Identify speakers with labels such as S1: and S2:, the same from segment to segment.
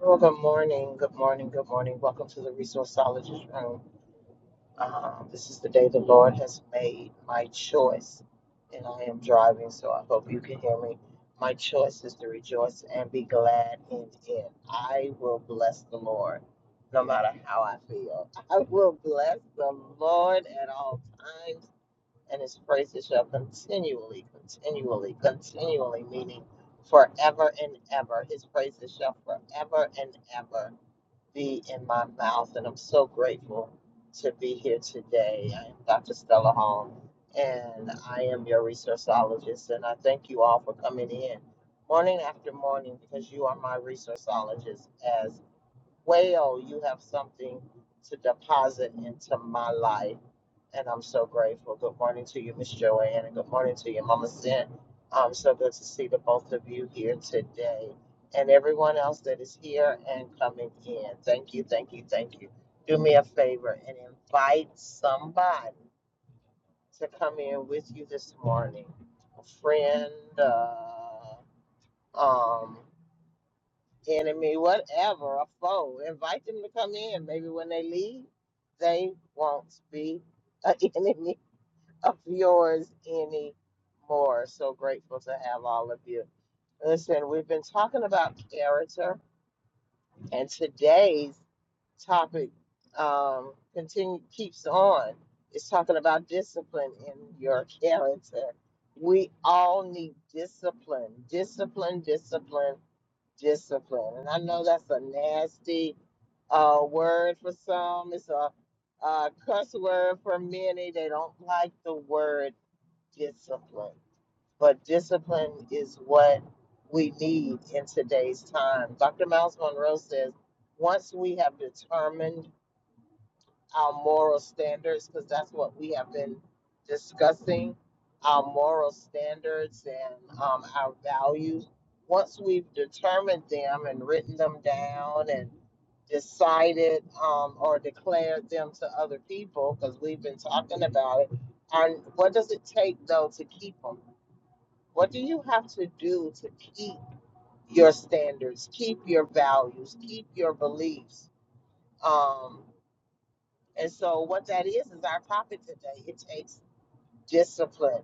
S1: Well, good morning, good morning, good morning. Welcome to the Resourceologist Room. Um, this is the day the Lord has made my choice, and I am driving, so I hope you can hear me. My choice is to rejoice and be glad in it. I will bless the Lord no matter how I feel. I will bless the Lord at all times, and his praises shall continually, continually, continually, meaning forever and ever. His praises shall forever and ever be in my mouth, and I'm so grateful to be here today. I am Dr. Stella Hall, and I am your resourceologist, and I thank you all for coming in morning after morning because you are my resourceologist As well, you have something to deposit into my life, and I'm so grateful. Good morning to you, Miss Joanne, and good morning to you, Mama Sin. Um, so good to see the both of you here today, and everyone else that is here and coming in. Thank you, thank you, thank you. Do me a favor and invite somebody to come in with you this morning. A friend, uh, um, enemy, whatever, a foe. Invite them to come in. Maybe when they leave, they won't be an enemy of yours anymore. So grateful to have all of you. Listen, we've been talking about character, and today's topic um, continue keeps on. It's talking about discipline in your character. We all need discipline, discipline, discipline discipline. And I know that's a nasty uh, word for some. It's a, uh cuss word for many. They don't like the word discipline. But discipline is what we need in today's time. Dr. Miles Monroe says once we have determined our moral standards because that's what we have been discussing our moral standards and um, our values. Once we've determined them and written them down and decided um, or declared them to other people, because we've been talking about it, and what does it take though to keep them? What do you have to do to keep your standards, keep your values, keep your beliefs? Um, and so what that is is our topic today. It takes discipline.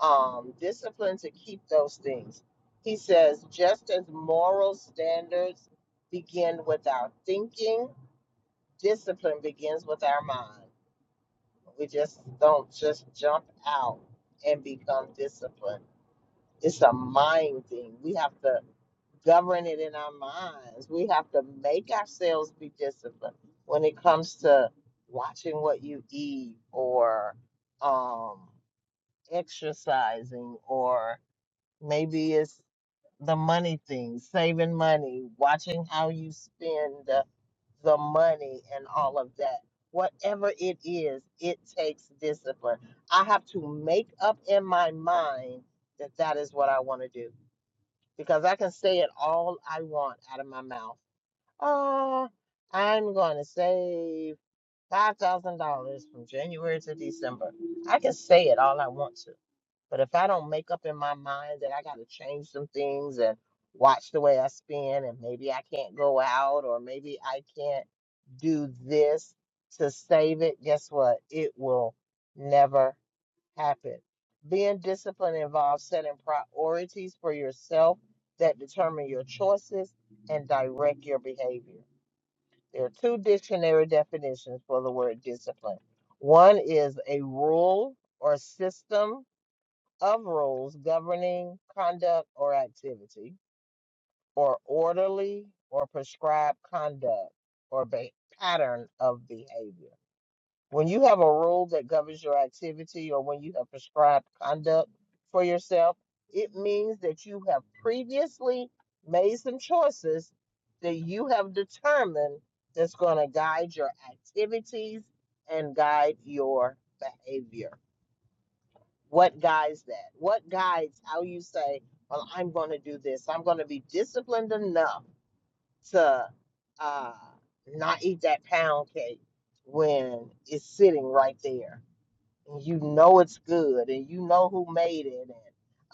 S1: Um, discipline to keep those things. He says, just as moral standards begin with our thinking, discipline begins with our mind. We just don't just jump out and become disciplined. It's a mind thing. We have to govern it in our minds. We have to make ourselves be disciplined when it comes to watching what you eat or um, exercising, or maybe it's the money thing, saving money, watching how you spend uh, the money and all of that. Whatever it is, it takes discipline. I have to make up in my mind that that is what I want to do because I can say it all I want out of my mouth. Oh, I'm going to save $5,000 from January to December. I can say it all I want to. But if I don't make up in my mind that I got to change some things and watch the way I spend, and maybe I can't go out, or maybe I can't do this to save it, guess what? It will never happen. Being disciplined involves setting priorities for yourself that determine your choices and direct your behavior. There are two dictionary definitions for the word discipline. One is a rule or system of rules governing conduct or activity, or orderly or prescribed conduct or be- pattern of behavior. When you have a rule that governs your activity or when you have prescribed conduct for yourself, it means that you have previously made some choices that you have determined that's going to guide your activities and guide your behavior. What guides that? What guides how you say, well, I'm going to do this. I'm going to be disciplined enough to uh, not eat that pound cake when it's sitting right there and you know it's good and you know who made it and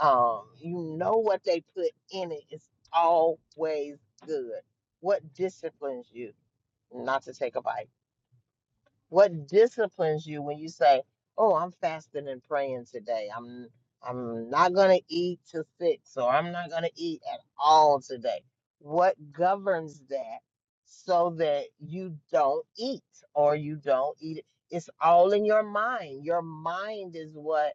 S1: um, you know what they put in it is always good what disciplines you not to take a bite what disciplines you when you say, "Oh, I'm fasting and praying today. I'm I'm not going to eat till 6 or I'm not going to eat at all today." What governs that so that you don't eat or you don't eat? it? It's all in your mind. Your mind is what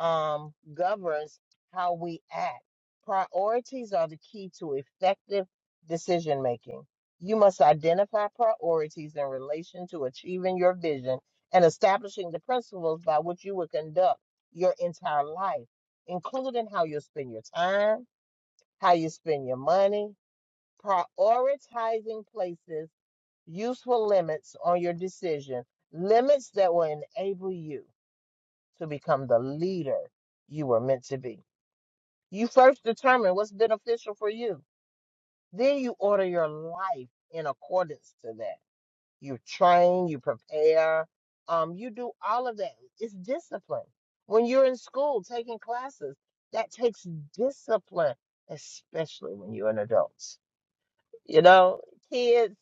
S1: um governs how we act. Priorities are the key to effective decision making you must identify priorities in relation to achieving your vision and establishing the principles by which you will conduct your entire life, including how you spend your time, how you spend your money, prioritizing places, useful limits on your decision, limits that will enable you to become the leader you were meant to be. You first determine what's beneficial for you, then you order your life in accordance to that. you train, you prepare, um, you do all of that. It's discipline. When you're in school taking classes, that takes discipline, especially when you're an adult. You know, kids,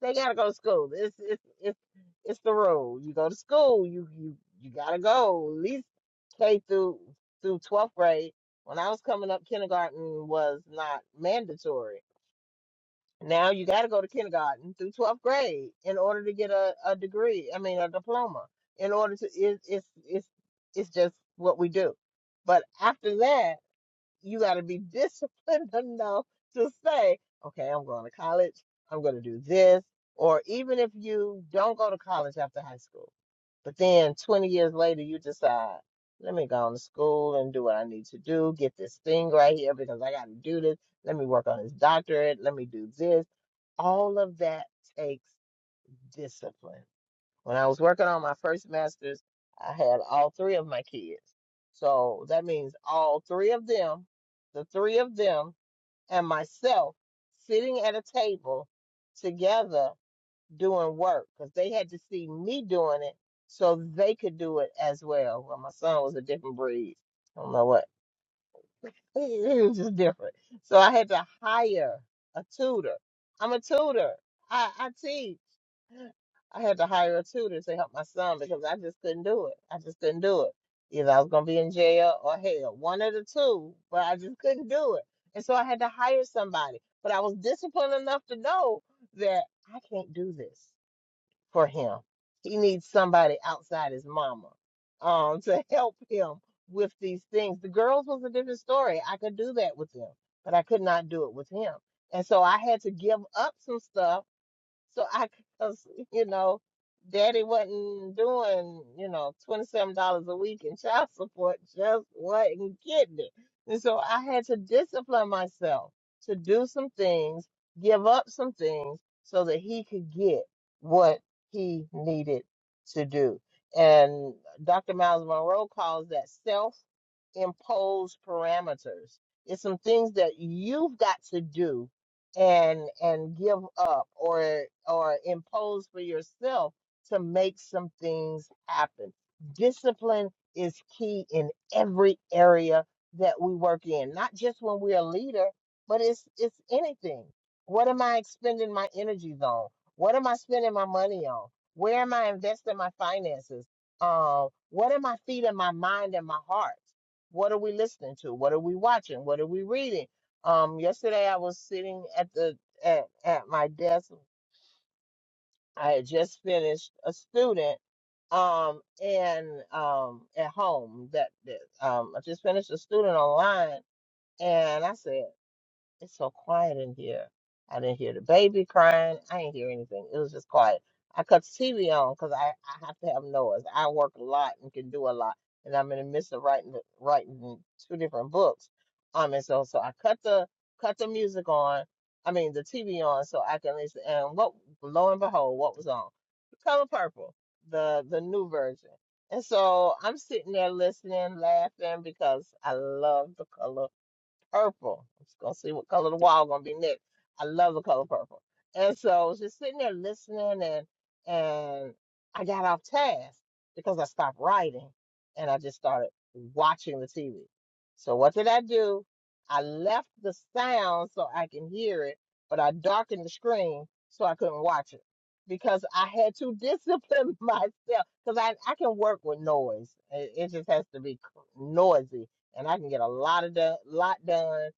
S1: they gotta go to school. It's it's it's it's the rule. You go to school, you you you gotta go. At least K through through twelfth grade. When I was coming up, kindergarten was not mandatory now you got to go to kindergarten through 12th grade in order to get a, a degree, I mean, a diploma. In order to, it, it's, it's, it's just what we do. But after that, you got to be disciplined enough to say, okay, I'm going to college, I'm going to do this. Or even if you don't go to college after high school, but then 20 years later, you decide, let me go on to school and do what I need to do, get this thing right here because I got to do this. Let me work on this doctorate. Let me do this all of that takes discipline. When I was working on my first master's, I had all three of my kids. So that means all three of them, the three of them, and myself sitting at a table together doing work because they had to see me doing it so they could do it as well. Well, my son was a different breed. I don't know what. He was just different. So I had to hire a tutor. I'm a tutor. I, I teach. I had to hire a tutor to help my son because I just couldn't do it. I just couldn't do it. Either I was going to be in jail or hell, one of the two, but I just couldn't do it. And so I had to hire somebody. But I was disciplined enough to know that I can't do this for him. He needs somebody outside his mama um, to help him with these things. The girls was a different story. I could do that with them, but I could not do it with him. And so I had to give up some stuff so I, cause, you know, daddy wasn't doing, you know, $27 a week in child support, just wasn't getting it. And so I had to discipline myself to do some things, give up some things so that he could get what he needed to do. And Dr. Miles Monroe calls that self imposed parameters. It's some things that you've got to do and and give up or or impose for yourself to make some things happen. Discipline is key in every area that we work in, not just when we're a leader, but it's it's anything. What am I expending my energies on? What am I spending my money on? Where am I investing my finances? Uh, what am I feeding my mind and my heart? What are we listening to? What are we watching? What are we reading? Um, yesterday I was sitting at the at, at my desk. I had just finished a student um and um at home that, that um I just finished a student online and I said it's so quiet in here. I didn't hear the baby crying. I didn't hear anything. It was just quiet. I cut the TV on because I, I have to have noise. I work a lot and can do a lot, and I'm in the midst of writing the- writing two different books. Um, and so so I cut the cut the music on. I mean the TV on so I can listen. And what lo and behold, what was on? The Color Purple, the the new version. And so I'm sitting there listening, laughing because I love the color purple. I'm just gonna see what color the wall gonna be next. I love the color purple. And so I was just sitting there listening and and I got off task because I stopped writing and I just started watching the TV. So what did I do? I left the sound so I can hear it, but I darkened the screen so I couldn't watch it because I had to discipline myself because I, I can work with noise. It, it just has to be c- noisy and I can get a lot of do- lot done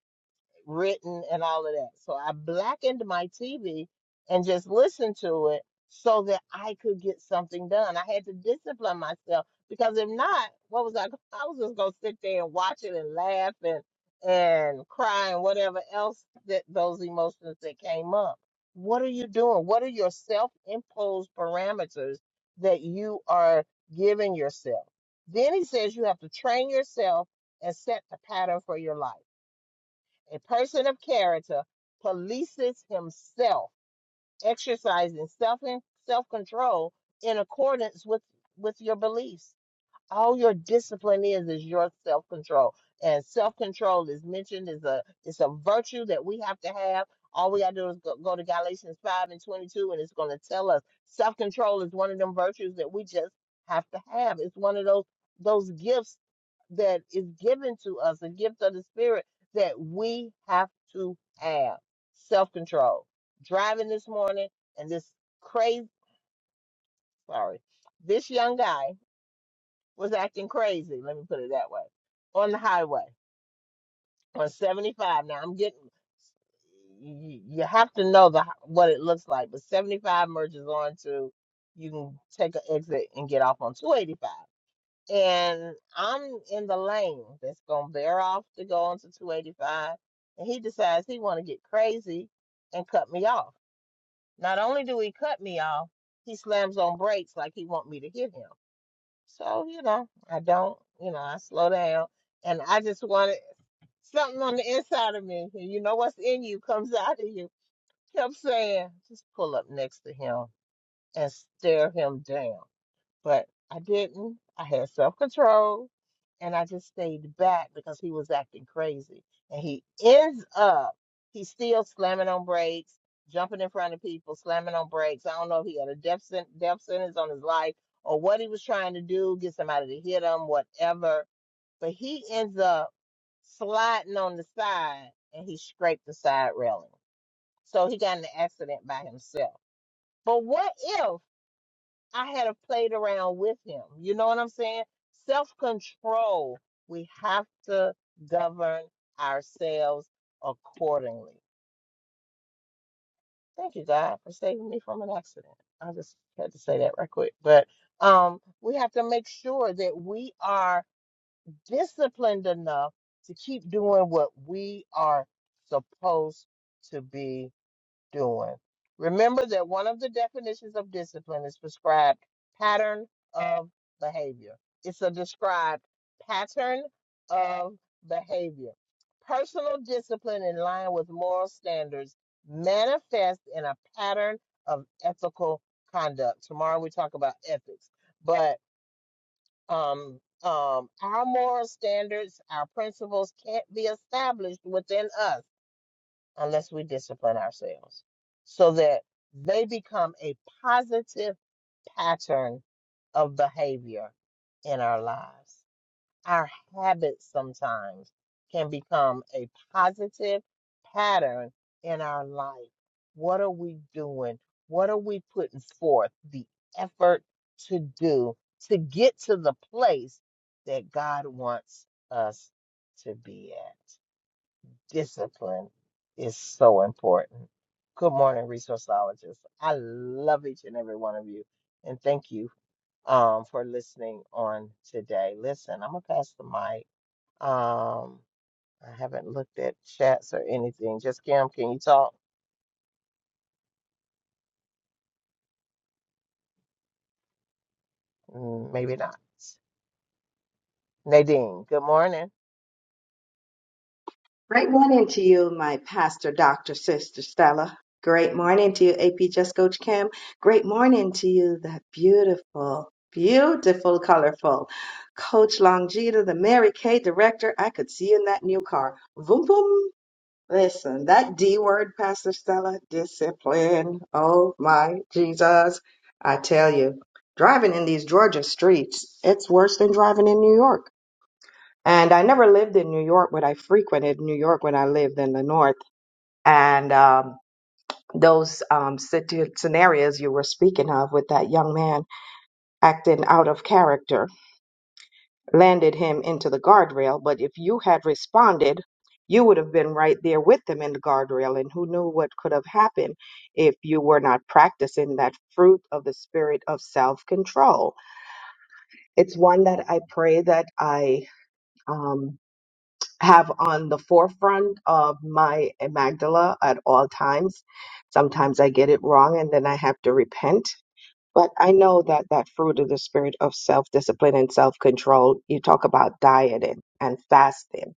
S1: written and all of that. So I blackened my TV and just listened to it so that I could get something done. I had to discipline myself because if not, what was I? go- I was just gonna sit there and watch it and laugh and and cry and whatever else that those emotions that came up. What are you doing? What are your self-imposed parameters that you are giving yourself? Then he says you have to train yourself and set the pattern for your life. A person of character polices himself, exercising self self control in accordance with with your beliefs. All your discipline is is your self control, and self control is mentioned as a it's a virtue that we have to have. All we gotta do is go, go to Galatians five and twenty two, and it's gonna tell us self control is one of them virtues that we just have to have. It's one of those those gifts that is given to us, a gift of the Spirit that we have to have self control. Driving this morning, and this crazy, sorry, this young guy was acting crazy, let me put it that way, on the highway on 75. Now I'm getting, you, you have to know the what it looks like, but 75 merges on to, you can take an exit and get off on 285 and I'm in the lane that's gonna bear off to go onto 285, and he decides he want to get crazy and cut me off. Not only do he cut me off, he slams on brakes like he want me to hit him. So you know, I don't, you know, I slow down, and I just wanted something on the inside of me, and you know what's in you comes out of you. Kept saying, just pull up next to him and stare him down but I didn't. I had self control and I just stayed back because he was acting crazy. And he ends up, he's still slamming on brakes, jumping in front of people, slamming on brakes. I don't know if he had a death, sen- death sentence on his life or what he was trying to do, get somebody to hit him, whatever. But he ends up sliding on the side and he scraped the side railing. So he got in an accident by himself. But what if? I had have played around with him. You know what I'm saying? Self control. We have to govern ourselves accordingly. Thank you, God, for saving me from an accident. I just had to say that right quick. But um, we have to make sure that we are disciplined enough to keep doing what we are supposed to be doing. Remember that one of the definitions of discipline is prescribed pattern of behavior. It's a described pattern of behavior. Personal discipline in line with moral standards manifests in a pattern of ethical conduct. Tomorrow we talk about ethics, but um, um, our moral standards, our principles can't be established within us unless we discipline ourselves so that they become a positive pattern of behavior in our lives. Our habits sometimes can become a positive pattern in our life. What are we doing? What are we putting forth the effort to do to get to the place that God wants us to be at? Discipline is so important. Good morning, resourceologists. I love each and every one of you, and thank you um, for listening on today. Listen, I'm gonna pass the mic. Um, I haven't looked at chats or anything. Just Kim, can you talk? Mm, Maybe not. Nadine, good morning.
S2: Great morning to you, my pastor, Dr. Sister Stella. Great morning to you, AP Just Coach Kim. Great morning to you, that beautiful, beautiful, colorful Coach Longita, the Mary Kay director. I could see you in that new car. Boom, boom. Listen, that D word, Pastor Stella, discipline. Oh my Jesus. I tell you, driving in these Georgia streets, it's worse than driving in New York. And I never lived in New York, but I frequented New York when I lived in the North. And um, those um, situ- scenarios you were speaking of with that young man acting out of character landed him into the guardrail. But if you had responded, you would have been right there with them in the guardrail. And who knew what could have happened if you were not practicing that fruit of the spirit of self control? It's one that I pray that I. Um, have on the forefront of my amygdala at all times. Sometimes I get it wrong and then I have to repent. But I know that that fruit of the spirit of self discipline and self control, you talk about dieting and fasting.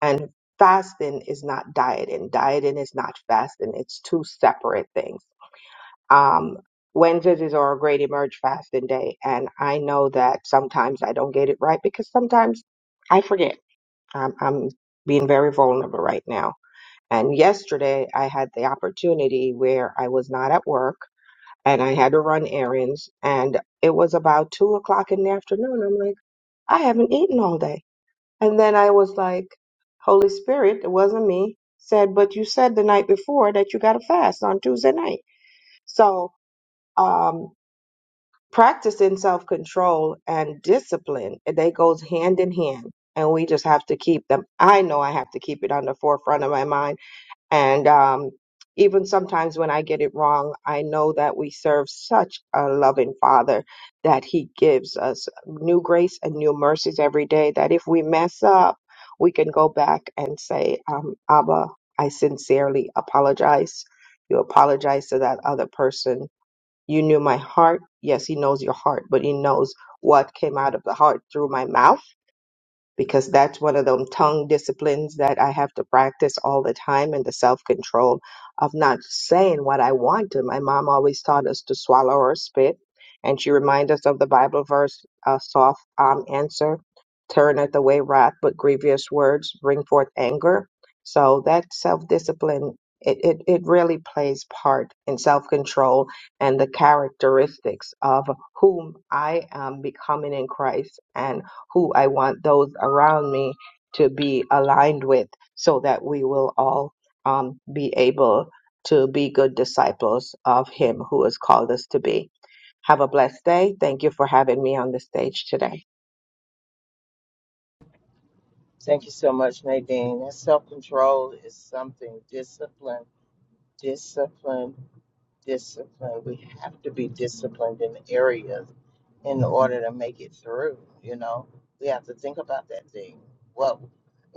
S2: And fasting is not dieting, dieting is not fasting, it's two separate things. Um, Wednesdays is our great emerge fasting day. And I know that sometimes I don't get it right because sometimes I forget I'm, I'm being very vulnerable right now. And yesterday I had the opportunity where I was not at work and I had to run errands and it was about two o'clock in the afternoon. I'm like, I haven't eaten all day. And then I was like, Holy Spirit, it wasn't me, said, but you said the night before that you got to fast on Tuesday night. So, um, practicing self-control and discipline they goes hand in hand and we just have to keep them i know i have to keep it on the forefront of my mind and um, even sometimes when i get it wrong i know that we serve such a loving father that he gives us new grace and new mercies every day that if we mess up we can go back and say um, abba i sincerely apologize you apologize to that other person you knew my heart. Yes, he knows your heart, but he knows what came out of the heart through my mouth because that's one of them tongue disciplines that I have to practice all the time and the self control of not saying what I want to. My mom always taught us to swallow or spit, and she reminds us of the Bible verse, a soft um, answer turneth away wrath, but grievous words bring forth anger. So that self discipline. It, it, it really plays part in self control and the characteristics of whom I am becoming in Christ. And who I want those around me to be aligned with so that we will all um, be able to be good disciples of Him who has called us to be. Have a blessed day. Thank you for having me on the stage today.
S1: Thank you so much, Nadine. That self control is something. Discipline, discipline, discipline. We have to be disciplined in areas in order to make it through. You know, we have to think about that thing. What,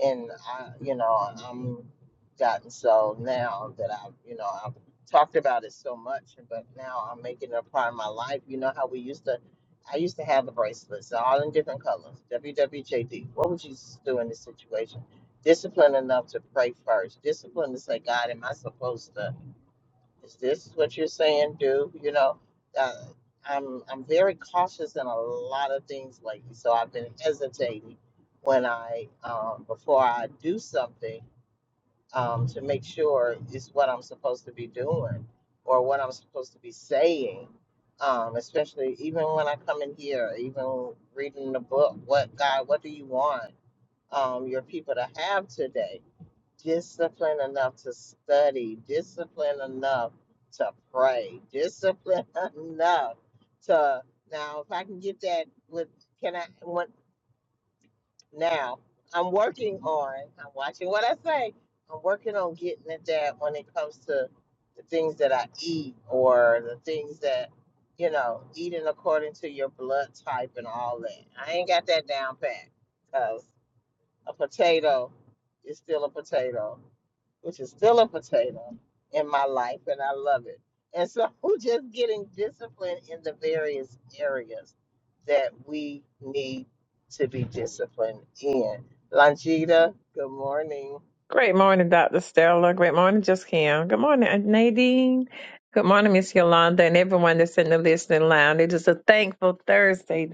S1: and I, you know, I'm gotten so now that I, you know, I've talked about it so much, but now I'm making it a part of my life. You know how we used to, I used to have the bracelets, all in different colors. WWJD. What would Jesus do in this situation? Discipline enough to pray first. Discipline to say, God, am I supposed to? is this what you're saying do you know uh, i'm i'm very cautious in a lot of things lately so i've been hesitating when i um, before i do something um, to make sure it's what i'm supposed to be doing or what i'm supposed to be saying um, especially even when i come in here even reading the book what god what do you want um, your people to have today discipline enough to study, discipline enough to pray, discipline enough to now if I can get that with can I what now I'm working on I'm watching what I say. I'm working on getting at that when it comes to the things that I eat or the things that you know, eating according to your blood type and all that. I ain't got that down pat because a potato is still a potato which is still a potato in my life, and I love it. And so, just getting disciplined in the various areas that we need to be disciplined in. Longita, good morning.
S3: Great morning, Dr. Stella. Great morning, Just Kim. Good morning, Aunt Nadine. Good morning, Miss Yolanda, and everyone that's in the listening lounge. It is a thankful Thursday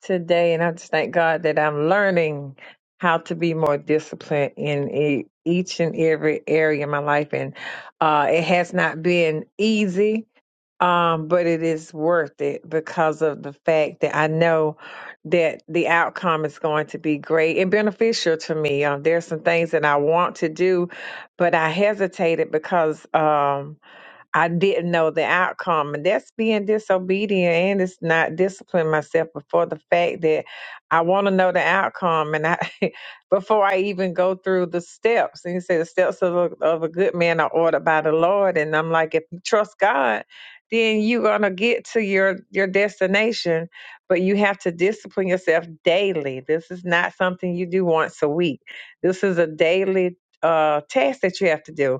S3: today, and I just thank God that I'm learning how to be more disciplined in e- each and every area of my life. And uh, it has not been easy um, but it is worth it because of the fact that I know that the outcome is going to be great and beneficial to me. Um, there are some things that I want to do, but I hesitated because um, I didn't know the outcome, and that's being disobedient, and it's not disciplining myself before the fact that I want to know the outcome, and I before I even go through the steps. And he said, "The steps of a, of a good man are ordered by the Lord," and I'm like, if you trust God, then you're gonna get to your your destination, but you have to discipline yourself daily. This is not something you do once a week. This is a daily uh, task that you have to do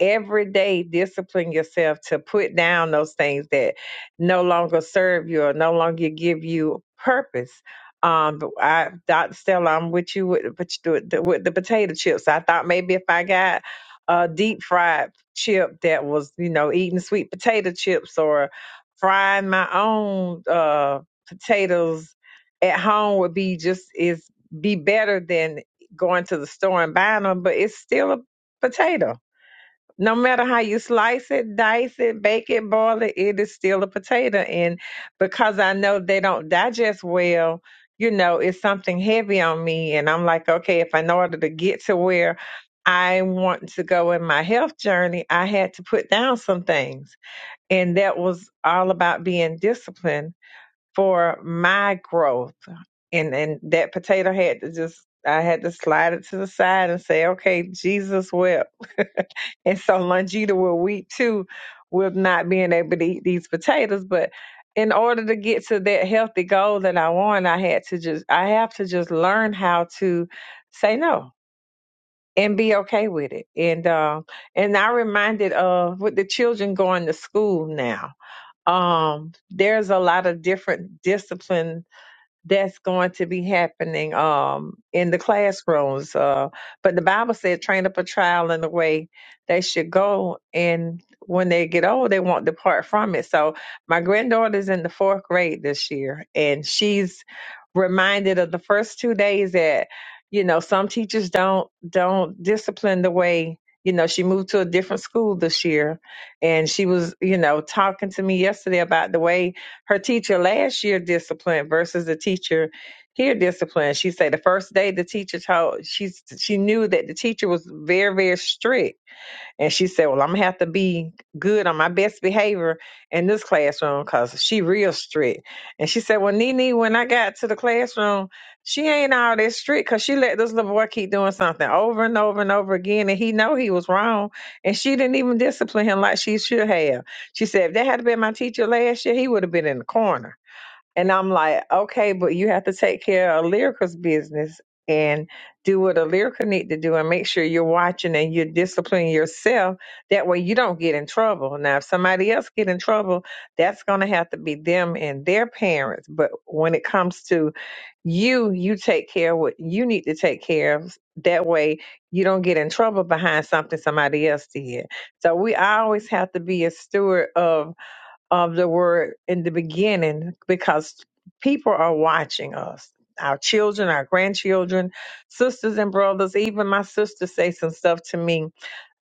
S3: every day discipline yourself to put down those things that no longer serve you or no longer give you purpose. Um, but I, Dr. Stella, I'm with you with, with, with, the, with the potato chips. I thought maybe if I got a deep fried chip that was, you know, eating sweet potato chips or frying my own uh, potatoes at home would be just is be better than going to the store and buying them. But it's still a potato no matter how you slice it, dice it, bake it, boil it, it is still a potato. And because I know they don't digest well, you know, it's something heavy on me. And I'm like, okay, if in order to get to where I want to go in my health journey, I had to put down some things. And that was all about being disciplined for my growth. And and that potato had to just I had to slide it to the side and say, Okay, Jesus wept. and so Longita will weep too with not being able to eat these potatoes. But in order to get to that healthy goal that I want, I had to just I have to just learn how to say no and be okay with it. And um and I reminded of with the children going to school now. Um, there's a lot of different discipline that's going to be happening um, in the classrooms. Uh, but the Bible said, train up a child in the way they should go, and when they get old, they won't depart from it. So my granddaughter's in the fourth grade this year, and she's reminded of the first two days that you know some teachers don't don't discipline the way you know she moved to a different school this year and she was you know talking to me yesterday about the way her teacher last year disciplined versus the teacher here disciplined. She said the first day the teacher taught, she she knew that the teacher was very very strict and she said, Well, I'm gonna have to be good on my best behavior in this classroom because she real strict. And she said, Well, Nene, when I got to the classroom, she ain't all that strict because she let this little boy keep doing something over and over and over again. And he know he was wrong. And she didn't even discipline him like she should have. She said, If that had been my teacher last year, he would have been in the corner. And I'm like, okay, but you have to take care of Lyrical's business and do what a Lyrical need to do and make sure you're watching and you're disciplining yourself. That way you don't get in trouble. Now, if somebody else get in trouble, that's going to have to be them and their parents. But when it comes to you, you take care of what you need to take care of. That way you don't get in trouble behind something somebody else did. So we always have to be a steward of of the word in the beginning because people are watching us our children our grandchildren sisters and brothers even my sister say some stuff to me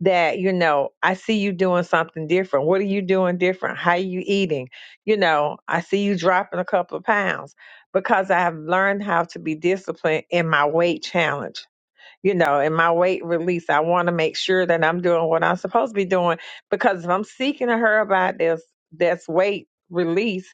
S3: that you know i see you doing something different what are you doing different how are you eating you know i see you dropping a couple of pounds because i've learned how to be disciplined in my weight challenge you know, in my weight release, I want to make sure that I'm doing what I'm supposed to be doing because if I'm seeking her about this, this weight release,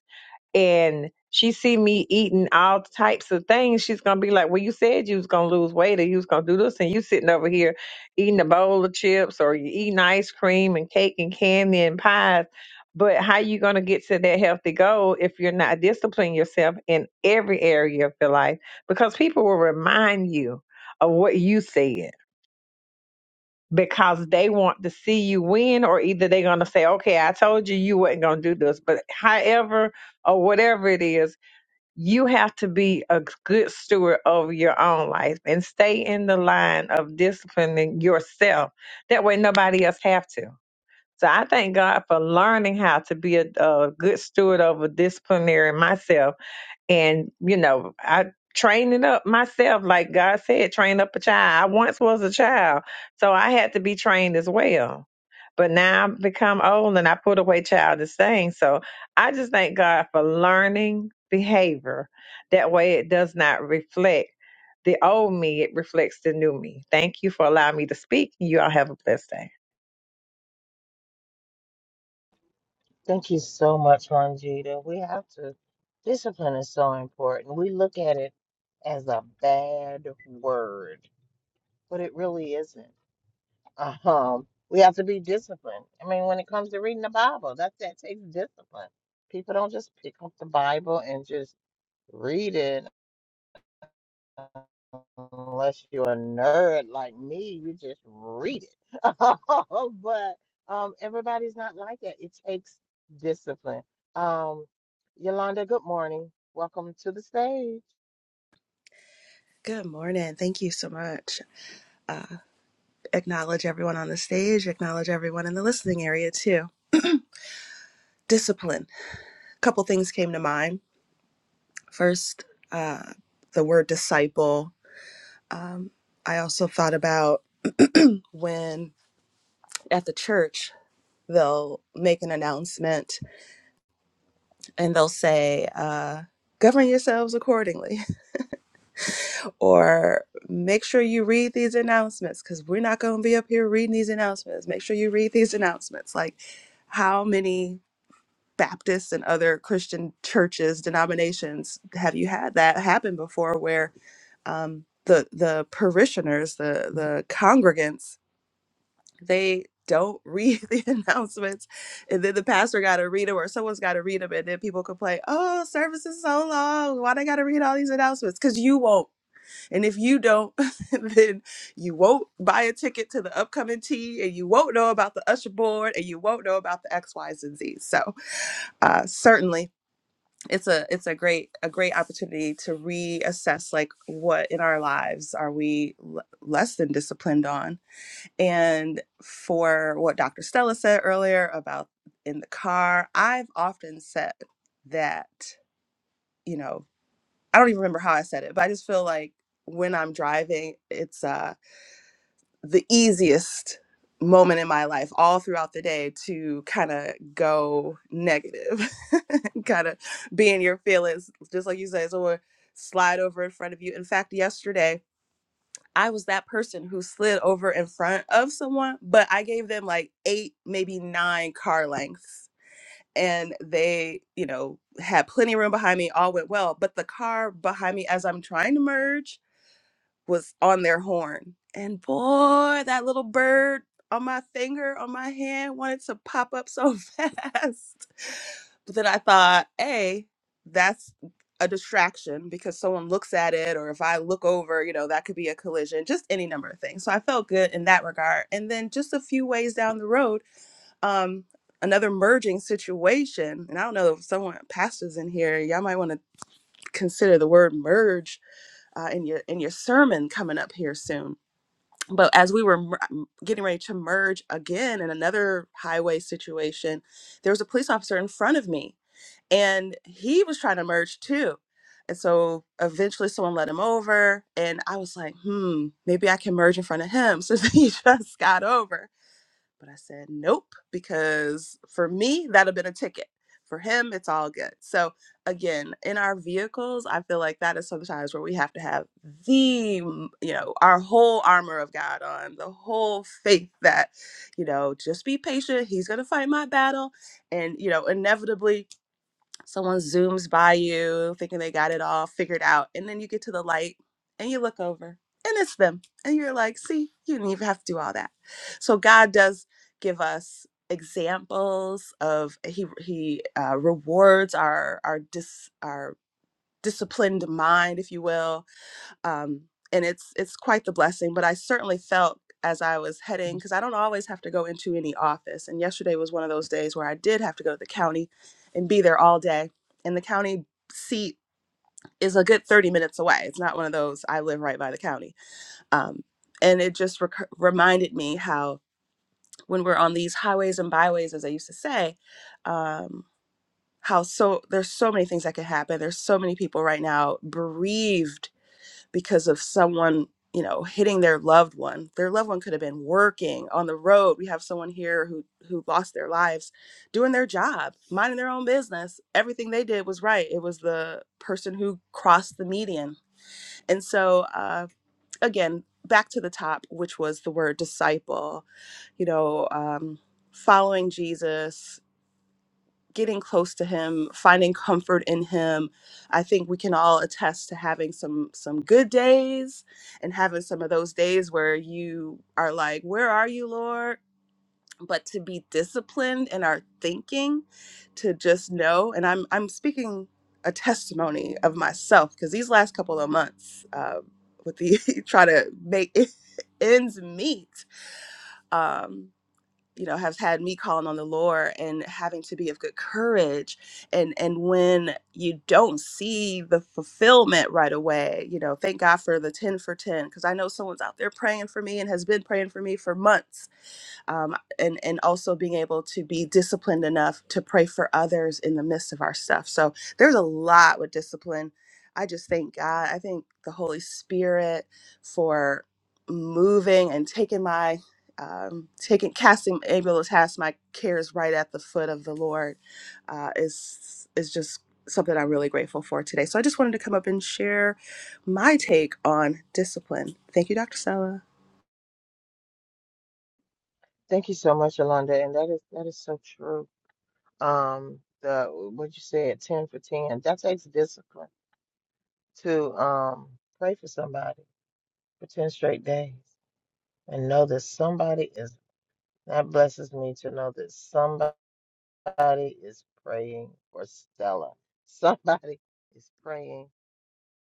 S3: and she see me eating all types of things, she's gonna be like, "Well, you said you was gonna lose weight, or you was gonna do this, and you sitting over here eating a bowl of chips, or you eating ice cream and cake and candy and pies." But how you gonna get to that healthy goal if you're not disciplining yourself in every area of your life? Because people will remind you of what you said because they want to see you win, or either they're gonna say, "Okay, I told you you wasn't gonna do this," but however or whatever it is you have to be a good steward of your own life and stay in the line of disciplining yourself. That way, nobody else have to. So I thank God for learning how to be a, a good steward over disciplinary myself and, you know, I training up myself, like God said, train up a child. I once was a child, so I had to be trained as well. But now I've become old and I put away childish things. So I just thank God for learning behavior. That way it does not reflect the old me, it reflects the new me. Thank you for allowing me to speak. You all have a blessed day.
S1: Thank you so much, Longita. We have to, discipline is so important. We look at it as a bad word, but it really isn't. Um, we have to be disciplined. I mean, when it comes to reading the Bible, that's that takes discipline. People don't just pick up the Bible and just read it unless you're a nerd like me, you just read it. but um, everybody's not like that. It takes discipline. Um, Yolanda, good morning. Welcome to the stage.
S4: Good morning. Thank you so much. Acknowledge everyone on the stage, acknowledge everyone in the listening area too. Discipline. A couple things came to mind. First, uh, the word disciple. Um, I also thought about when at the church they'll make an announcement and they'll say, uh, govern yourselves accordingly, or make sure you read these announcements because we're not going to be up here reading these announcements. Make sure you read these announcements. Like, how many Baptists and other Christian churches, denominations, have you had that happen before where um, the the parishioners, the the congregants, they don't read the announcements, and then the pastor got to read them, or someone's got to read them, and then people complain, "Oh, service is so long. Why they got to read all these announcements?" Because you won't, and if you don't, then you won't buy a ticket to the upcoming tea, and you won't know about the usher board, and you won't know about the X, Y's, and Z's. So uh, certainly it's a it's a great a great opportunity to reassess like what in our lives are we l- less than disciplined on and for what dr stella said earlier about in the car i've often said that you know i don't even remember how i said it but i just feel like when i'm driving it's uh the easiest moment in my life all throughout the day to kind of go negative kind of be in your feelings just like you say someone slide over in front of you in fact yesterday i was that person who slid over in front of someone but i gave them like eight maybe nine car lengths and they you know had plenty of room behind me all went well but the car behind me as i'm trying to merge was on their horn. And boy, that little bird on my finger, on my hand, wanted to pop up so fast. But then I thought, hey, that's a distraction because someone looks at it, or if I look over, you know, that could be a collision, just any number of things. So I felt good in that regard. And then just a few ways down the road, um, another merging situation, and I don't know if someone pastors in here, y'all might want to consider the word merge uh, in your in your sermon coming up here soon. But as we were mer- getting ready to merge again in another highway situation, there was a police officer in front of me, and he was trying to merge too. And so eventually, someone let him over, and I was like, "Hmm, maybe I can merge in front of him." Since he just got over, but I said, nope, because for me, that'd have been a ticket. For him, it's all good. So, again, in our vehicles, I feel like that is sometimes where we have to have the, mm, you know, our whole armor of God on, the whole faith that, you know, just be patient. He's going to fight my battle. And, you know, inevitably, Someone zooms by you thinking they got it all figured out. And then you get to the light and you look over and it's them. And you're like, see, you didn't even have to do all that. So God does give us examples of he he uh, rewards our our dis our disciplined mind if you will um, and it's it's quite the blessing. But I certainly felt as I was heading because I don't always have to go into any office, and yesterday was one of those days where I did have to go to the county and be there all day. And the county seat is a good thirty minutes away. It's not one of those I live right by the county, um, and it just rec- reminded me how when we're on these highways and byways, as I used to say. Um, how so there's so many things that could happen there's so many people right now bereaved because of someone you know hitting their loved one their loved one could have been working on the road we have someone here who who lost their lives doing their job minding their own business everything they did was right it was the person who crossed the median and so uh, again back to the top which was the word disciple you know um, following jesus getting close to him finding comfort in him i think we can all attest to having some some good days and having some of those days where you are like where are you lord but to be disciplined in our thinking to just know and i'm i'm speaking a testimony of myself because these last couple of months um, with the trying to make ends meet um you know has had me calling on the lord and having to be of good courage and and when you don't see the fulfillment right away you know thank god for the 10 for 10 because i know someone's out there praying for me and has been praying for me for months um, and and also being able to be disciplined enough to pray for others in the midst of our stuff. So there's a lot with discipline. I just thank God. I thank the Holy Spirit for moving and taking my um, taking casting able to cast my cares right at the foot of the Lord uh, is is just something I'm really grateful for today. So I just wanted to come up and share my take on discipline. Thank you, Dr. Sella.
S1: Thank you so much, Yolanda. And that is that is so true. Um, the what you said, ten for ten. That takes discipline to um pray for somebody for 10 straight days and know that somebody is that blesses me to know that somebody is praying for Stella. Somebody is praying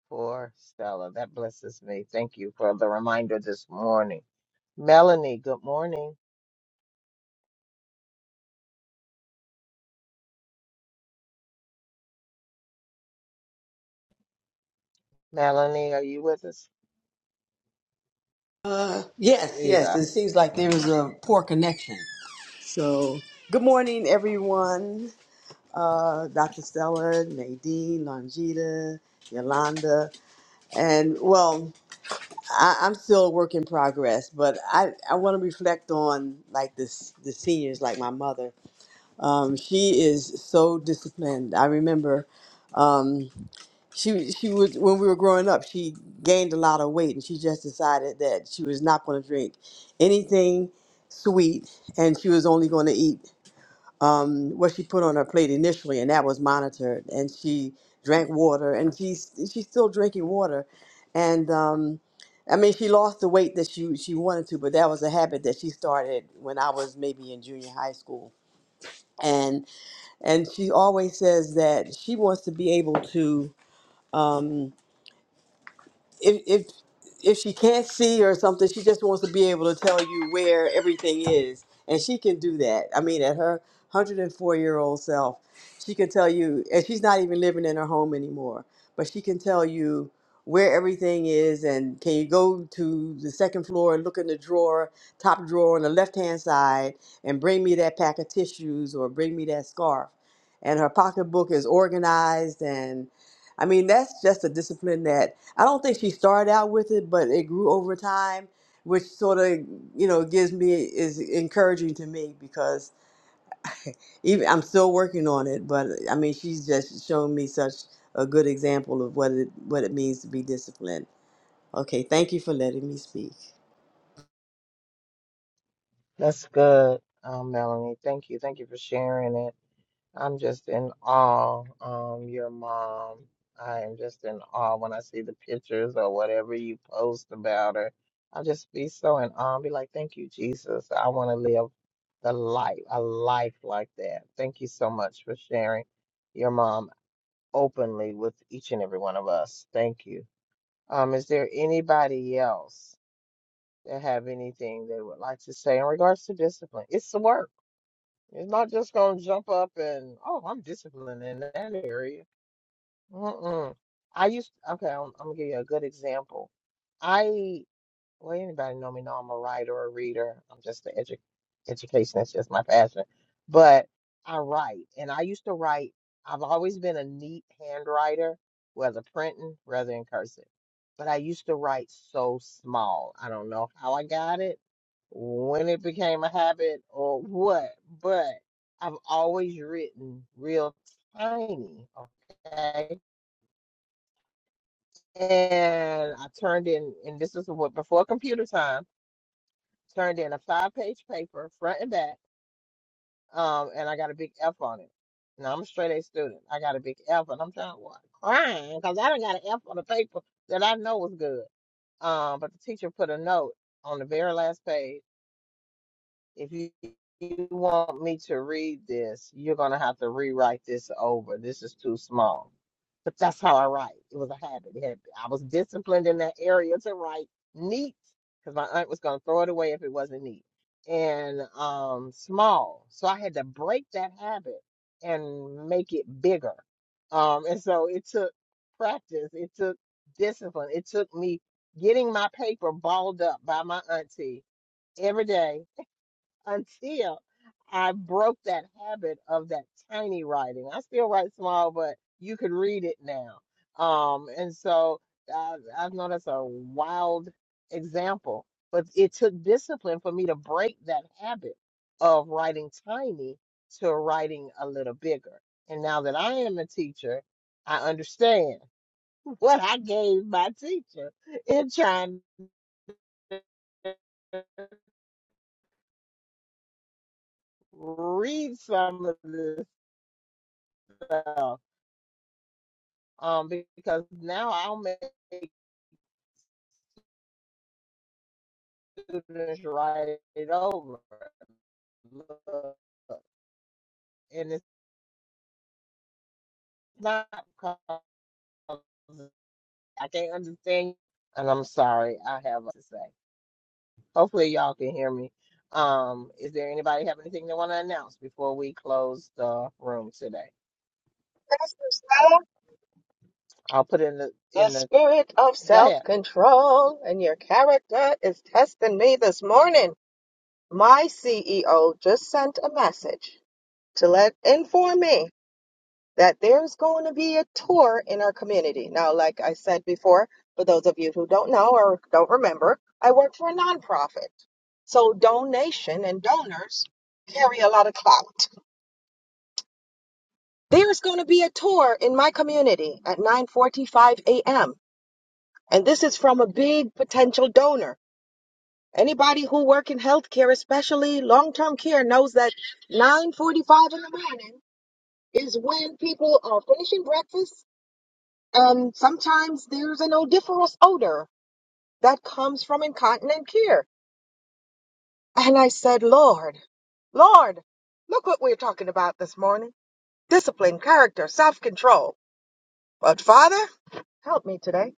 S1: for Stella. That blesses me. Thank you for the reminder this morning. Melanie, good morning. Melanie, are you with us?
S5: Uh,
S1: There
S5: yes,
S1: you
S5: yes.
S1: go.
S5: It seems like there is a poor connection. So, good morning, everyone. Uh, Dr. Stella, Nadine, Longita, Yolanda, and well, I, I'm still a work in progress, but I, I want to reflect on like this the seniors, like my mother. Um, she is so disciplined. I remember. Um, she she was when we were growing up she gained a lot of weight and she just decided that she was not going to drink anything sweet and she was only going to eat um, what she put on her plate initially and that was monitored and she drank water and she's she's still drinking water and um, I mean she lost the weight that she she wanted to but that was a habit that she started when I was maybe in junior high school and and she always says that she wants to be able to um, if if if she can't see or something, she just wants to be able to tell you where everything is, and she can do that. I mean, at her 104 year old self, she can tell you, and she's not even living in her home anymore, but she can tell you where everything is and can you go to the second floor and look in the drawer top drawer on the left hand side and bring me that pack of tissues or bring me that scarf and her pocketbook is organized and i mean that's just a discipline that I don't think she started out with it, but it grew over time, which sort of you know gives me is encouraging to me because even I'm still working on it. But I mean, she's just shown me such a good example of what it what it means to be disciplined. Okay, thank you for letting me speak.
S1: That's good, um, Melanie. Thank you. Thank you for sharing it. I'm just in awe. Um, your mom. I am just in awe when I see the pictures or whatever you post about her. I'll just be so in awe and be like, Thank you, Jesus. I want to live the life, a life like that. Thank you so much for sharing your mom openly with each and every one of us. Thank you. Um, is there anybody else that have anything they would like to say in regards to discipline? It's the work. It's not just gonna jump up and oh, I'm disciplined in that area. Mm-mm. I used okay. I'm, I'm gonna give you a good example. I. Well, anybody know me know I'm a writer or a reader. I'm just an edu education. That's just my passion. But I write, and I used to write. I've always been a neat handwriter, whether printing, rather in cursive. But I used to write so small. I don't know how I got it, when it became a habit, or what. But I've always written real tiny. Okay, and I turned in, and this is what before computer time turned in a five page paper, front and back, um, and I got a big F on it. Now I'm a straight A student. I got a big F, and I'm trying what crying because I done got an F on a paper that I know was good. Um, but the teacher put a note on the very last page if you, you want me to read this, you're gonna have to rewrite this over. This is too small. But that's how I write. It was a habit. It had, I was disciplined in that area to write neat because my aunt was gonna throw it away if it wasn't neat and um small. So I had to break that habit and make it bigger. Um, and so it took practice. It took discipline. It took me getting my paper balled up by my auntie every day until I broke that habit of that tiny writing. I still write small, but you could read it now. Um, and so I, I know that's a wild example, but it took discipline for me to break that habit of writing tiny to writing a little bigger. And now that I am a teacher, I understand what I gave my teacher in trying to read some of this stuff um, because now I'll make students write it over. Look, And it's not because I can't understand, and I'm sorry, I have to say. Hopefully, y'all can hear me. Um, is there anybody have anything they want to announce before we close the room today? I'll put in the
S2: The
S1: in the
S2: spirit of
S1: go ahead.
S2: self control and your character is testing me this morning. My CEO just sent a message to let inform me that there's going to be a tour in our community. Now, like I said before, for those of you who don't know or don't remember, I work for a nonprofit. So donors carry out. There's going to be a tour in my community at 9:45 a.m. And this is from a big potential donor. Anybody who work in healthcare, especially long-term care, knows that 9:45 in the morning is when people are finishing breakfast and sometimes there's an odoriferous odor that comes from incontinent care. And I said, Lord, Lord, look what we're talking about this morning. This character. So, but Father, today,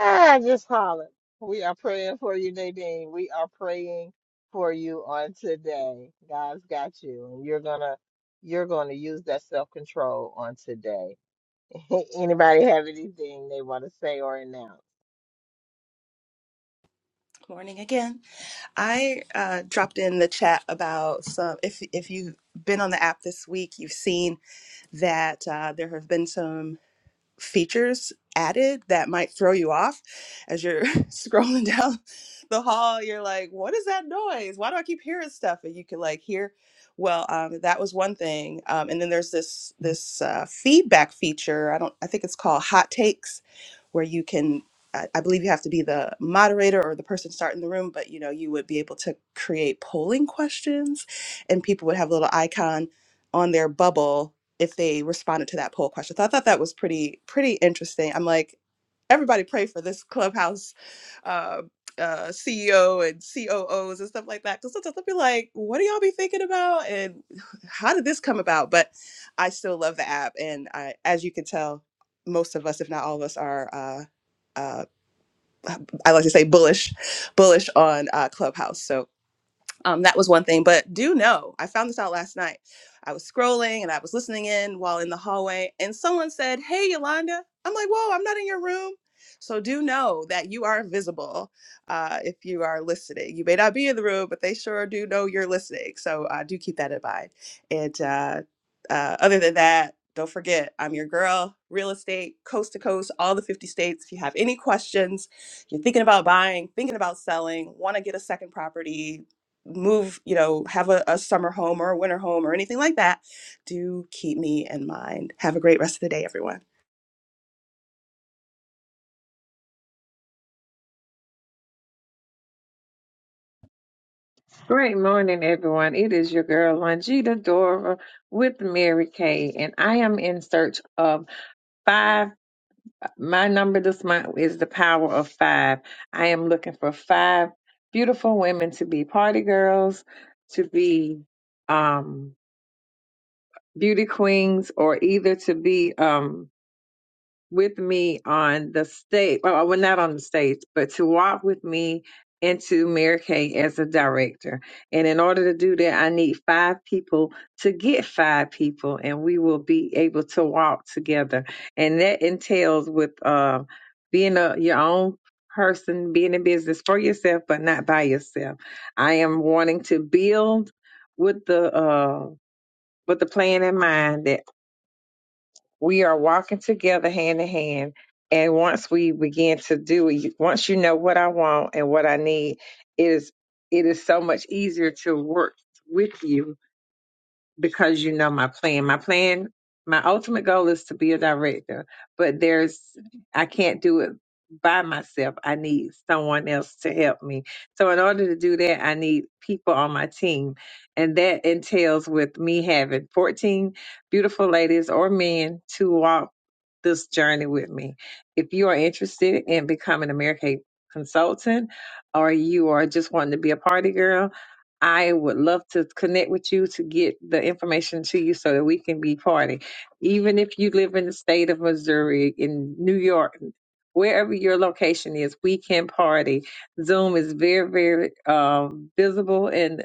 S1: Ah, just holler. We are praying for you, Nadine. We are praying for you on today. God's got you, and you're gonna you're gonna use that self control on today. Anybody have anything they want to say or announce?
S4: Morning again. I uh, dropped in the chat about some. If if you've been on the app this week, you've seen that uh, there have been some features added that might throw you off as you're scrolling down the hall you're like what is that noise why do i keep hearing stuff and you can like hear well um, that was one thing um, and then there's this this uh, feedback feature i don't i think it's called hot takes where you can I I believe you have to be the moderator or the person starting the room, but you know you would be able to create polling questions, and people would have a little icon on their bubble if they responded to that poll question. So I thought that was pretty pretty interesting. I'm like, everybody pray for this clubhouse uh, uh, CEO and COOs and stuff like that. Because sometimes I'll be like, what do y'all be thinking about, and how did this come about? But I still love the app, and I, as you can tell, most of us, if not all of us, are. Uh, uh, I like to say bullish, bullish on uh, Clubhouse. So um, that was one thing, but do know I found this out last night. I was scrolling and I was listening in while in the hallway, and someone said, Hey, Yolanda. I'm like, Whoa, I'm not in your room. So do know that you are visible uh, if you are listening. You may not be in the room, but they sure do know you're listening. So uh, do keep that in mind. And uh, uh, other than that, don't forget, I'm your girl, real estate, coast to coast, all the 50 states. If you have any questions, you're thinking about buying, thinking about selling, want to get a second property, move, you know, have a, a summer home or a winter home or anything like that, do keep me in mind. Have a great rest of the day, everyone.
S3: Great morning, everyone. It is your girl, Longita Dora, with Mary Kay, and I am in search of. Five, my number this month is the power of five. I am looking for five beautiful women to be party girls, to be um, beauty queens, or either to be um, with me on the stage. Well, well, not on the stage, but to walk with me into Mary Kay as a director. And in order to do that, I need five people to get five people, and we will be able to walk together. And that entails with uh, being a your own person, being in business for yourself, but not by yourself. I am wanting to build with the uh, with the plan in mind that we are walking together hand in hand. And once we begin to do it, once you know what I want and what I need, it is it is so much easier to work with you because you know my plan. My plan, my ultimate goal is to be a director, but there's, I can't do it by myself. I need someone else to help me. So in order to do that, I need people on my team. And that entails with me having 14 beautiful ladies or men to walk this journey with me. If you are interested in becoming an American consultant or you are just wanting to be a party girl, I would love to connect with you to get the information to you so that we can be party. Even if you live in the state of Missouri, in New York, wherever your location is, we can party. Zoom is very, very um, visible and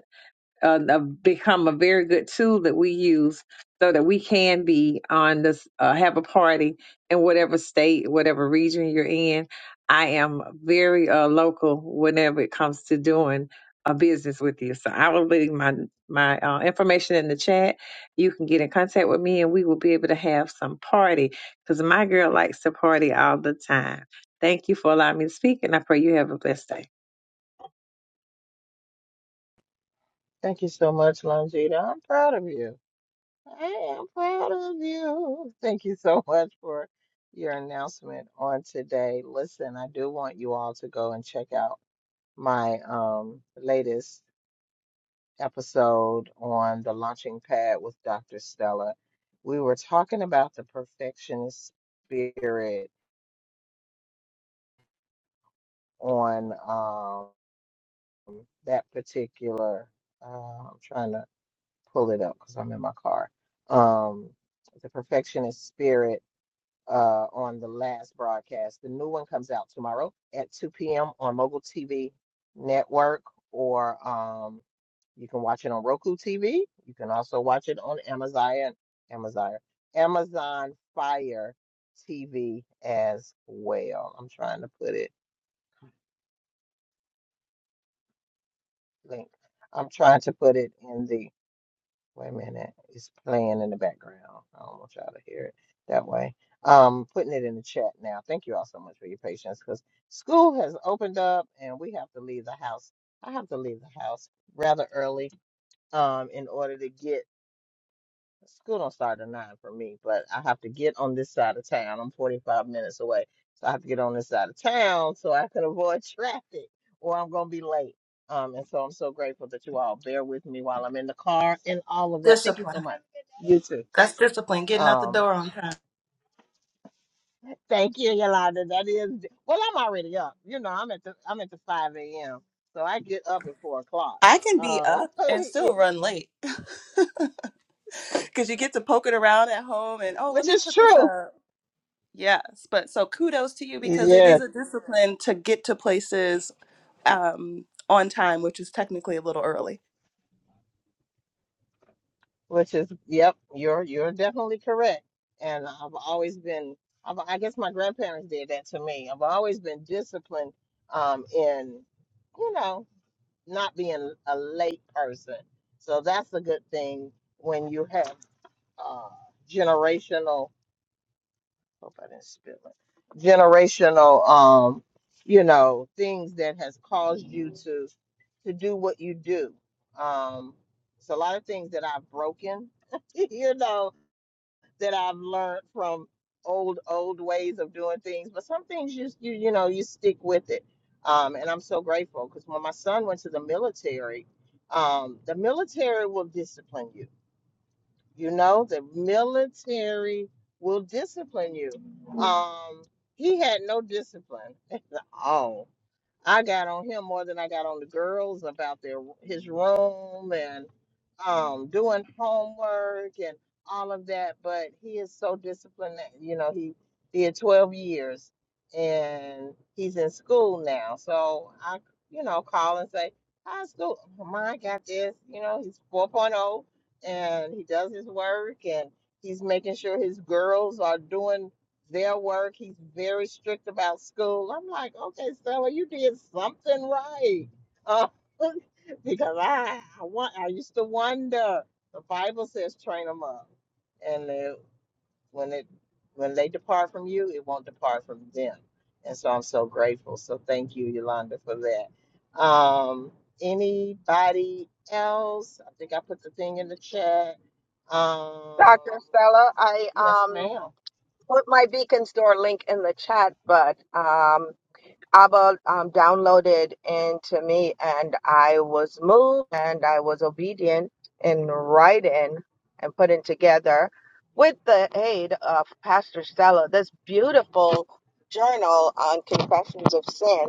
S3: uh, have become a very good tool that we use so that we can be on this, uh, have a party in whatever state, whatever region you're in. I am very uh, local whenever it comes to doing a business with you. So I will leave my my uh, information in the chat. You can get in contact with me, and we will be able to have some party because my girl likes to party all the time. Thank you for allowing me to speak, and I pray you have a blessed day.
S1: Thank you so much, Longita. I'm proud of you. I am proud of you. Thank you so much for your announcement on today. Listen, I do want you all to go and check out my um latest episode on the launching pad with Dr. Stella, we were talking about the perfectionist spirit on um, that particular. Uh, I'm trying to pull it up because I'm in my car. Um, the perfectionist spirit uh, on the last broadcast. The new one comes out tomorrow at 2 p.m. on Mogul TV Network or. Um, You can watch it on Roku TV. You can also watch it on Amazon, Amazon, Amazon Fire TV as well. I'm trying to put it link. I'm trying to put it in the. Wait a minute, it's playing in the background. I don't want y'all to hear it that way. Um, putting it in the chat now. Thank you all so much for your patience because school has opened up and we have to leave the house. I have to leave the house rather early um in order to get School don't start at nine for me, but I have to get on this side of town. I'm 45 minutes away, so I have to get on this side of town so I can avoid traffic, or I'm gonna be late. Um, and so I'm so grateful that you all bear with me while I'm in the car and all of that. Thank you so
S4: Discipline.
S1: much. You too.
S4: That's discipline. Getting out the
S1: Um,
S4: door on time.
S1: thank you, Yolanda. That is well, I'm already up. You know, I'm at the I'm at the 5 a.m. So I get up at four o'clock.
S4: I can be
S1: Uh,
S4: up and still run late because you get to poke it around at home and, oh, let
S1: which
S4: me
S1: is
S4: put this
S1: true.
S4: up. Yes. But so kudos to you because it
S1: Yes.
S4: is a discipline to get to places um, on time, which is technically a little early.
S1: Which is, yep, you're you're definitely correct. And I've always been, I've, I guess my grandparents did that to me. I've always been disciplined um, in, you know, not being a late person. So that's a good thing when you have uh, generational. Hope I didn't spill it. Generational, um, you know, things that has caused you to to do what you do. Um, it's a lot of things that I've broken. you know, that I've learned from old old ways of doing things, but some things you you you know you stick with it. Um, and I'm so grateful because when my son went to the military, um, the military will discipline you. You know, the military will discipline you. Um, he had no discipline at all I got on him more than I got on the girls about their his room and um doing homework and all of that. But he is so disciplined. that, You know, he did 12 years and he's in school now. So I, you know, call and say, "How's school? Mine got this." You know, he's 4.0 and he does his work and he's making sure his girls are doing their work. He's very strict about school. I'm like, okay, Stella, you did something right. Uh, because I, I want, I used to wonder. The Bible says, train them up, and they, when it, when they depart from you, it won't depart from them. And so I'm so grateful. So thank you, Yolanda, for that. Um, anybody else? I think I put the thing in the chat. Um,
S2: Dr. Stella, I
S1: yes,
S2: um
S1: ma'am.
S2: put my Beacon Store link in the chat, but um Abba um, downloaded into me, and I was moved and I was obedient in writing and putting together, with the aid of Pastor Stella, this beautiful journal on confessions of sin.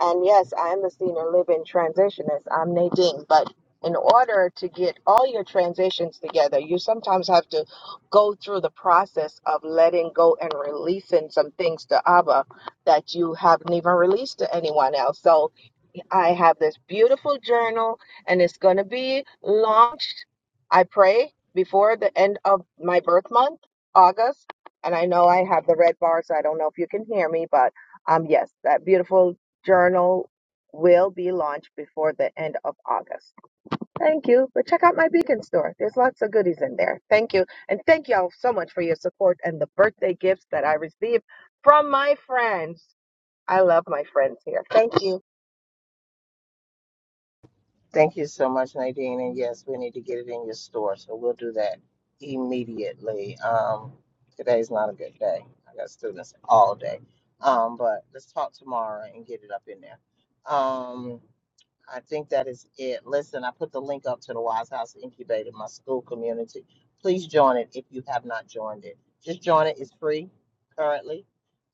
S2: And yes, I am the senior living transitionist. I'm Nadine, but in order to get all your transitions together, you sometimes have to go through the process of letting go and releasing some things to Abba that you haven't even released to anyone else. So I have this beautiful journal and it's going to be launched, I pray, before the end of my birth month, August. And I know I have the red bar, so I don't know if you can hear me, but um, yes, that beautiful journal will be launched before the end of August. Thank you. But check out my Beacon store. There's lots of goodies in there. Thank you. And thank y'all so much for your support and the birthday gifts that I received from my friends. I love my friends here. Thank you.
S1: Thank you so much, Nadine. And yes, we need to get it in your store, so we'll do that immediately. Um, today's not a good day. I got students all day. Um, but let's talk tomorrow and get it up in there. Um, I think that is it. Listen, I put the link up to the Wise House Incubator, my school community. Please join it if you have not joined it. Just join it. It's free currently.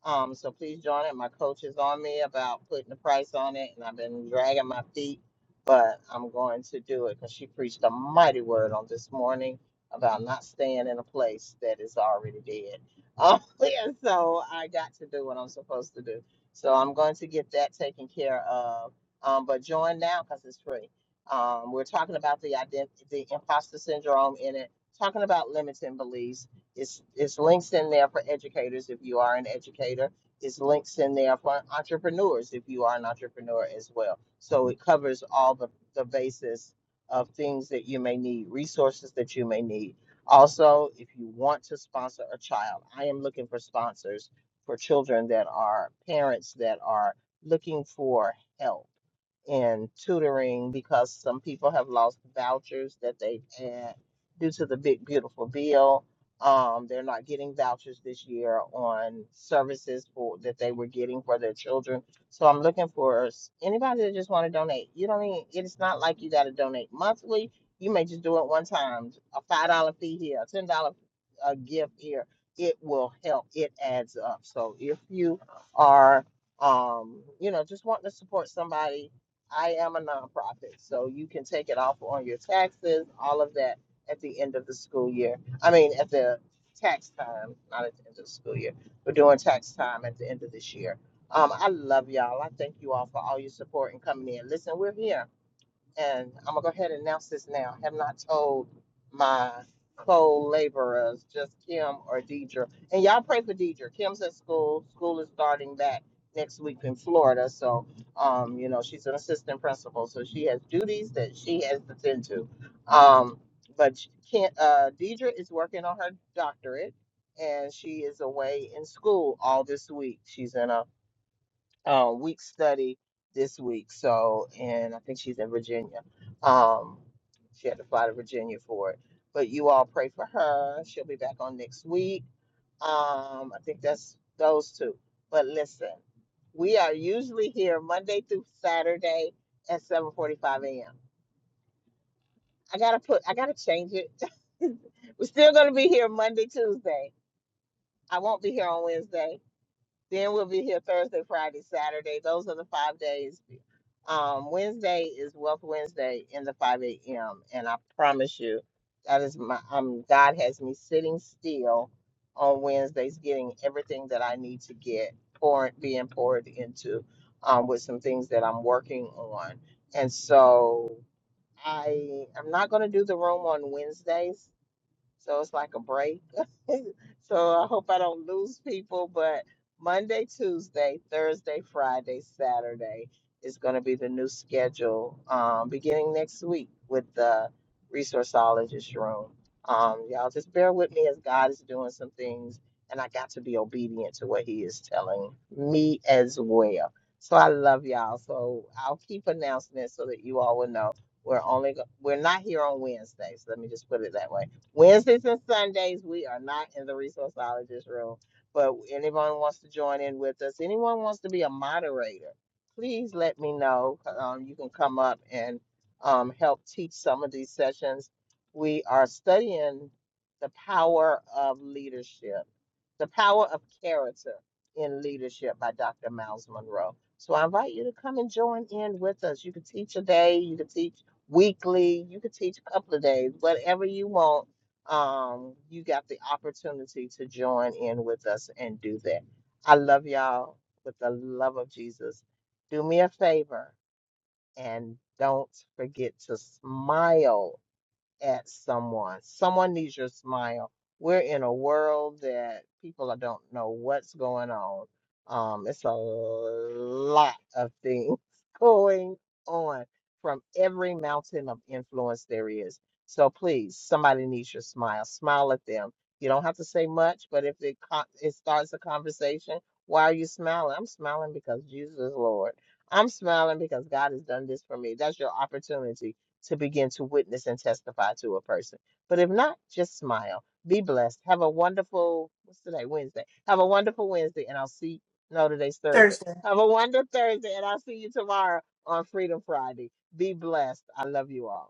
S1: Um, so please join it. My coach is on me about putting the price on it, and I've been dragging my feet, but I'm going to do it because she preached a mighty word on this morning about not staying in a place that is already dead. Oh, yeah, so I got to do what I'm supposed to do. So I'm going to get that taken care of um, but join now because it's free. Um, we're talking about the identity, the imposter syndrome in it, talking about limiting beliefs. It's, it's links in there for educators if you are an educator. It's links in there for entrepreneurs if you are an entrepreneur as well. So it covers all the, the basis of things that you may need, resources that you may need. Also, if you want to sponsor a child, I am looking for sponsors for children that are parents that are looking for help in tutoring because some people have lost vouchers that they've had due to the big beautiful bill. Um, they're not getting vouchers this year on services for that they were getting for their children. So I'm looking for s- anybody that just want to donate. You don't even it's not like you got to donate monthly. You may just do it one time. A five dollar fee here, a ten dollar a gift here. It will help. It adds up. So if you are um, you know, just wanting to support somebody I am a nonprofit, so you can take it off on your taxes, all of that at the end of the school year. I mean, at the tax time, not at the end of the school year. We're doing tax time at the end of this year. Um, I love y'all. I thank you all for all your support and coming in. Listen, we're here and I'm gonna go ahead and announce this now. I Have not told my co-laborers, just Kim or Deidre, and y'all pray for Deidre. Kim's at school. School is starting back next week in Florida, so um, you know she's an assistant principal, so she has duties that she has to tend to. Um, but Kim, uh, Deidre is working on her doctorate, and she is away in school all this week. She's in a uh, week study this week. So, and I think she's in Virginia. Um, she had to fly to Virginia for it. But you all pray for her. She'll be back on next week. Um, I think that's those two. But listen, we are usually here Monday through Saturday at 7:45 a.m. I gotta put, I gotta change it. We're still gonna be here Monday, Tuesday. I won't be here on Wednesday. Then we'll be here Thursday, Friday, Saturday. Those are the five days Um, Wednesday is Wealth Wednesday in the 5 a.m. And I promise you, that is my, um, God has me sitting still on Wednesdays, getting everything that I need to get, poured being poured into um, with some things that I'm working on. And so I am not going to do the room on Wednesdays so it's like a break. so I hope I don't lose people, but Monday, Tuesday, Thursday, Friday, Saturday is going to be the new schedule um, beginning next week with the resourceologist room. Um, y'all just bear with me as God is doing some things, and I got to be obedient to what He is telling me as well. So I love y'all. So I'll keep announcing it so that you all will know we're only go- we're not here on Wednesdays. Let me just put it that way Wednesdays and Sundays, we are not in the resourceologist room. But anyone wants to join in with us, anyone wants to be a moderator, please let me know. Um, you can come up and um, help teach some of these sessions. We are studying the power of leadership, the power of character in leadership by Dr. Miles Monroe. So I invite you to come and join in with us. You can teach a day, you can teach weekly, you can teach a couple of days, whatever you want um, you got the opportunity to join in with us and do that. I love y'all with the love of Jesus. Do me a favor and don't forget to smile at someone. Someone needs your smile. We're in a world that people don't know what's going on. Um, it's a lot of things going on from every mountain of influence there is. So please, somebody needs your smile. Smile at them. You don't have to say much, but if it co- it starts a conversation, why are you smiling? I'm smiling because Jesus is Lord. I'm smiling because God has done this for me. That's your opportunity to begin to witness and testify to a person. But if not, just smile. Be blessed. Have a wonderful, what's today? Wednesday. Have a wonderful Wednesday, and I'll see, no, today's Thursday.
S4: Thursday.
S1: Have a wonderful Thursday, and I'll see you tomorrow on Freedom Friday. Be blessed. I love you all.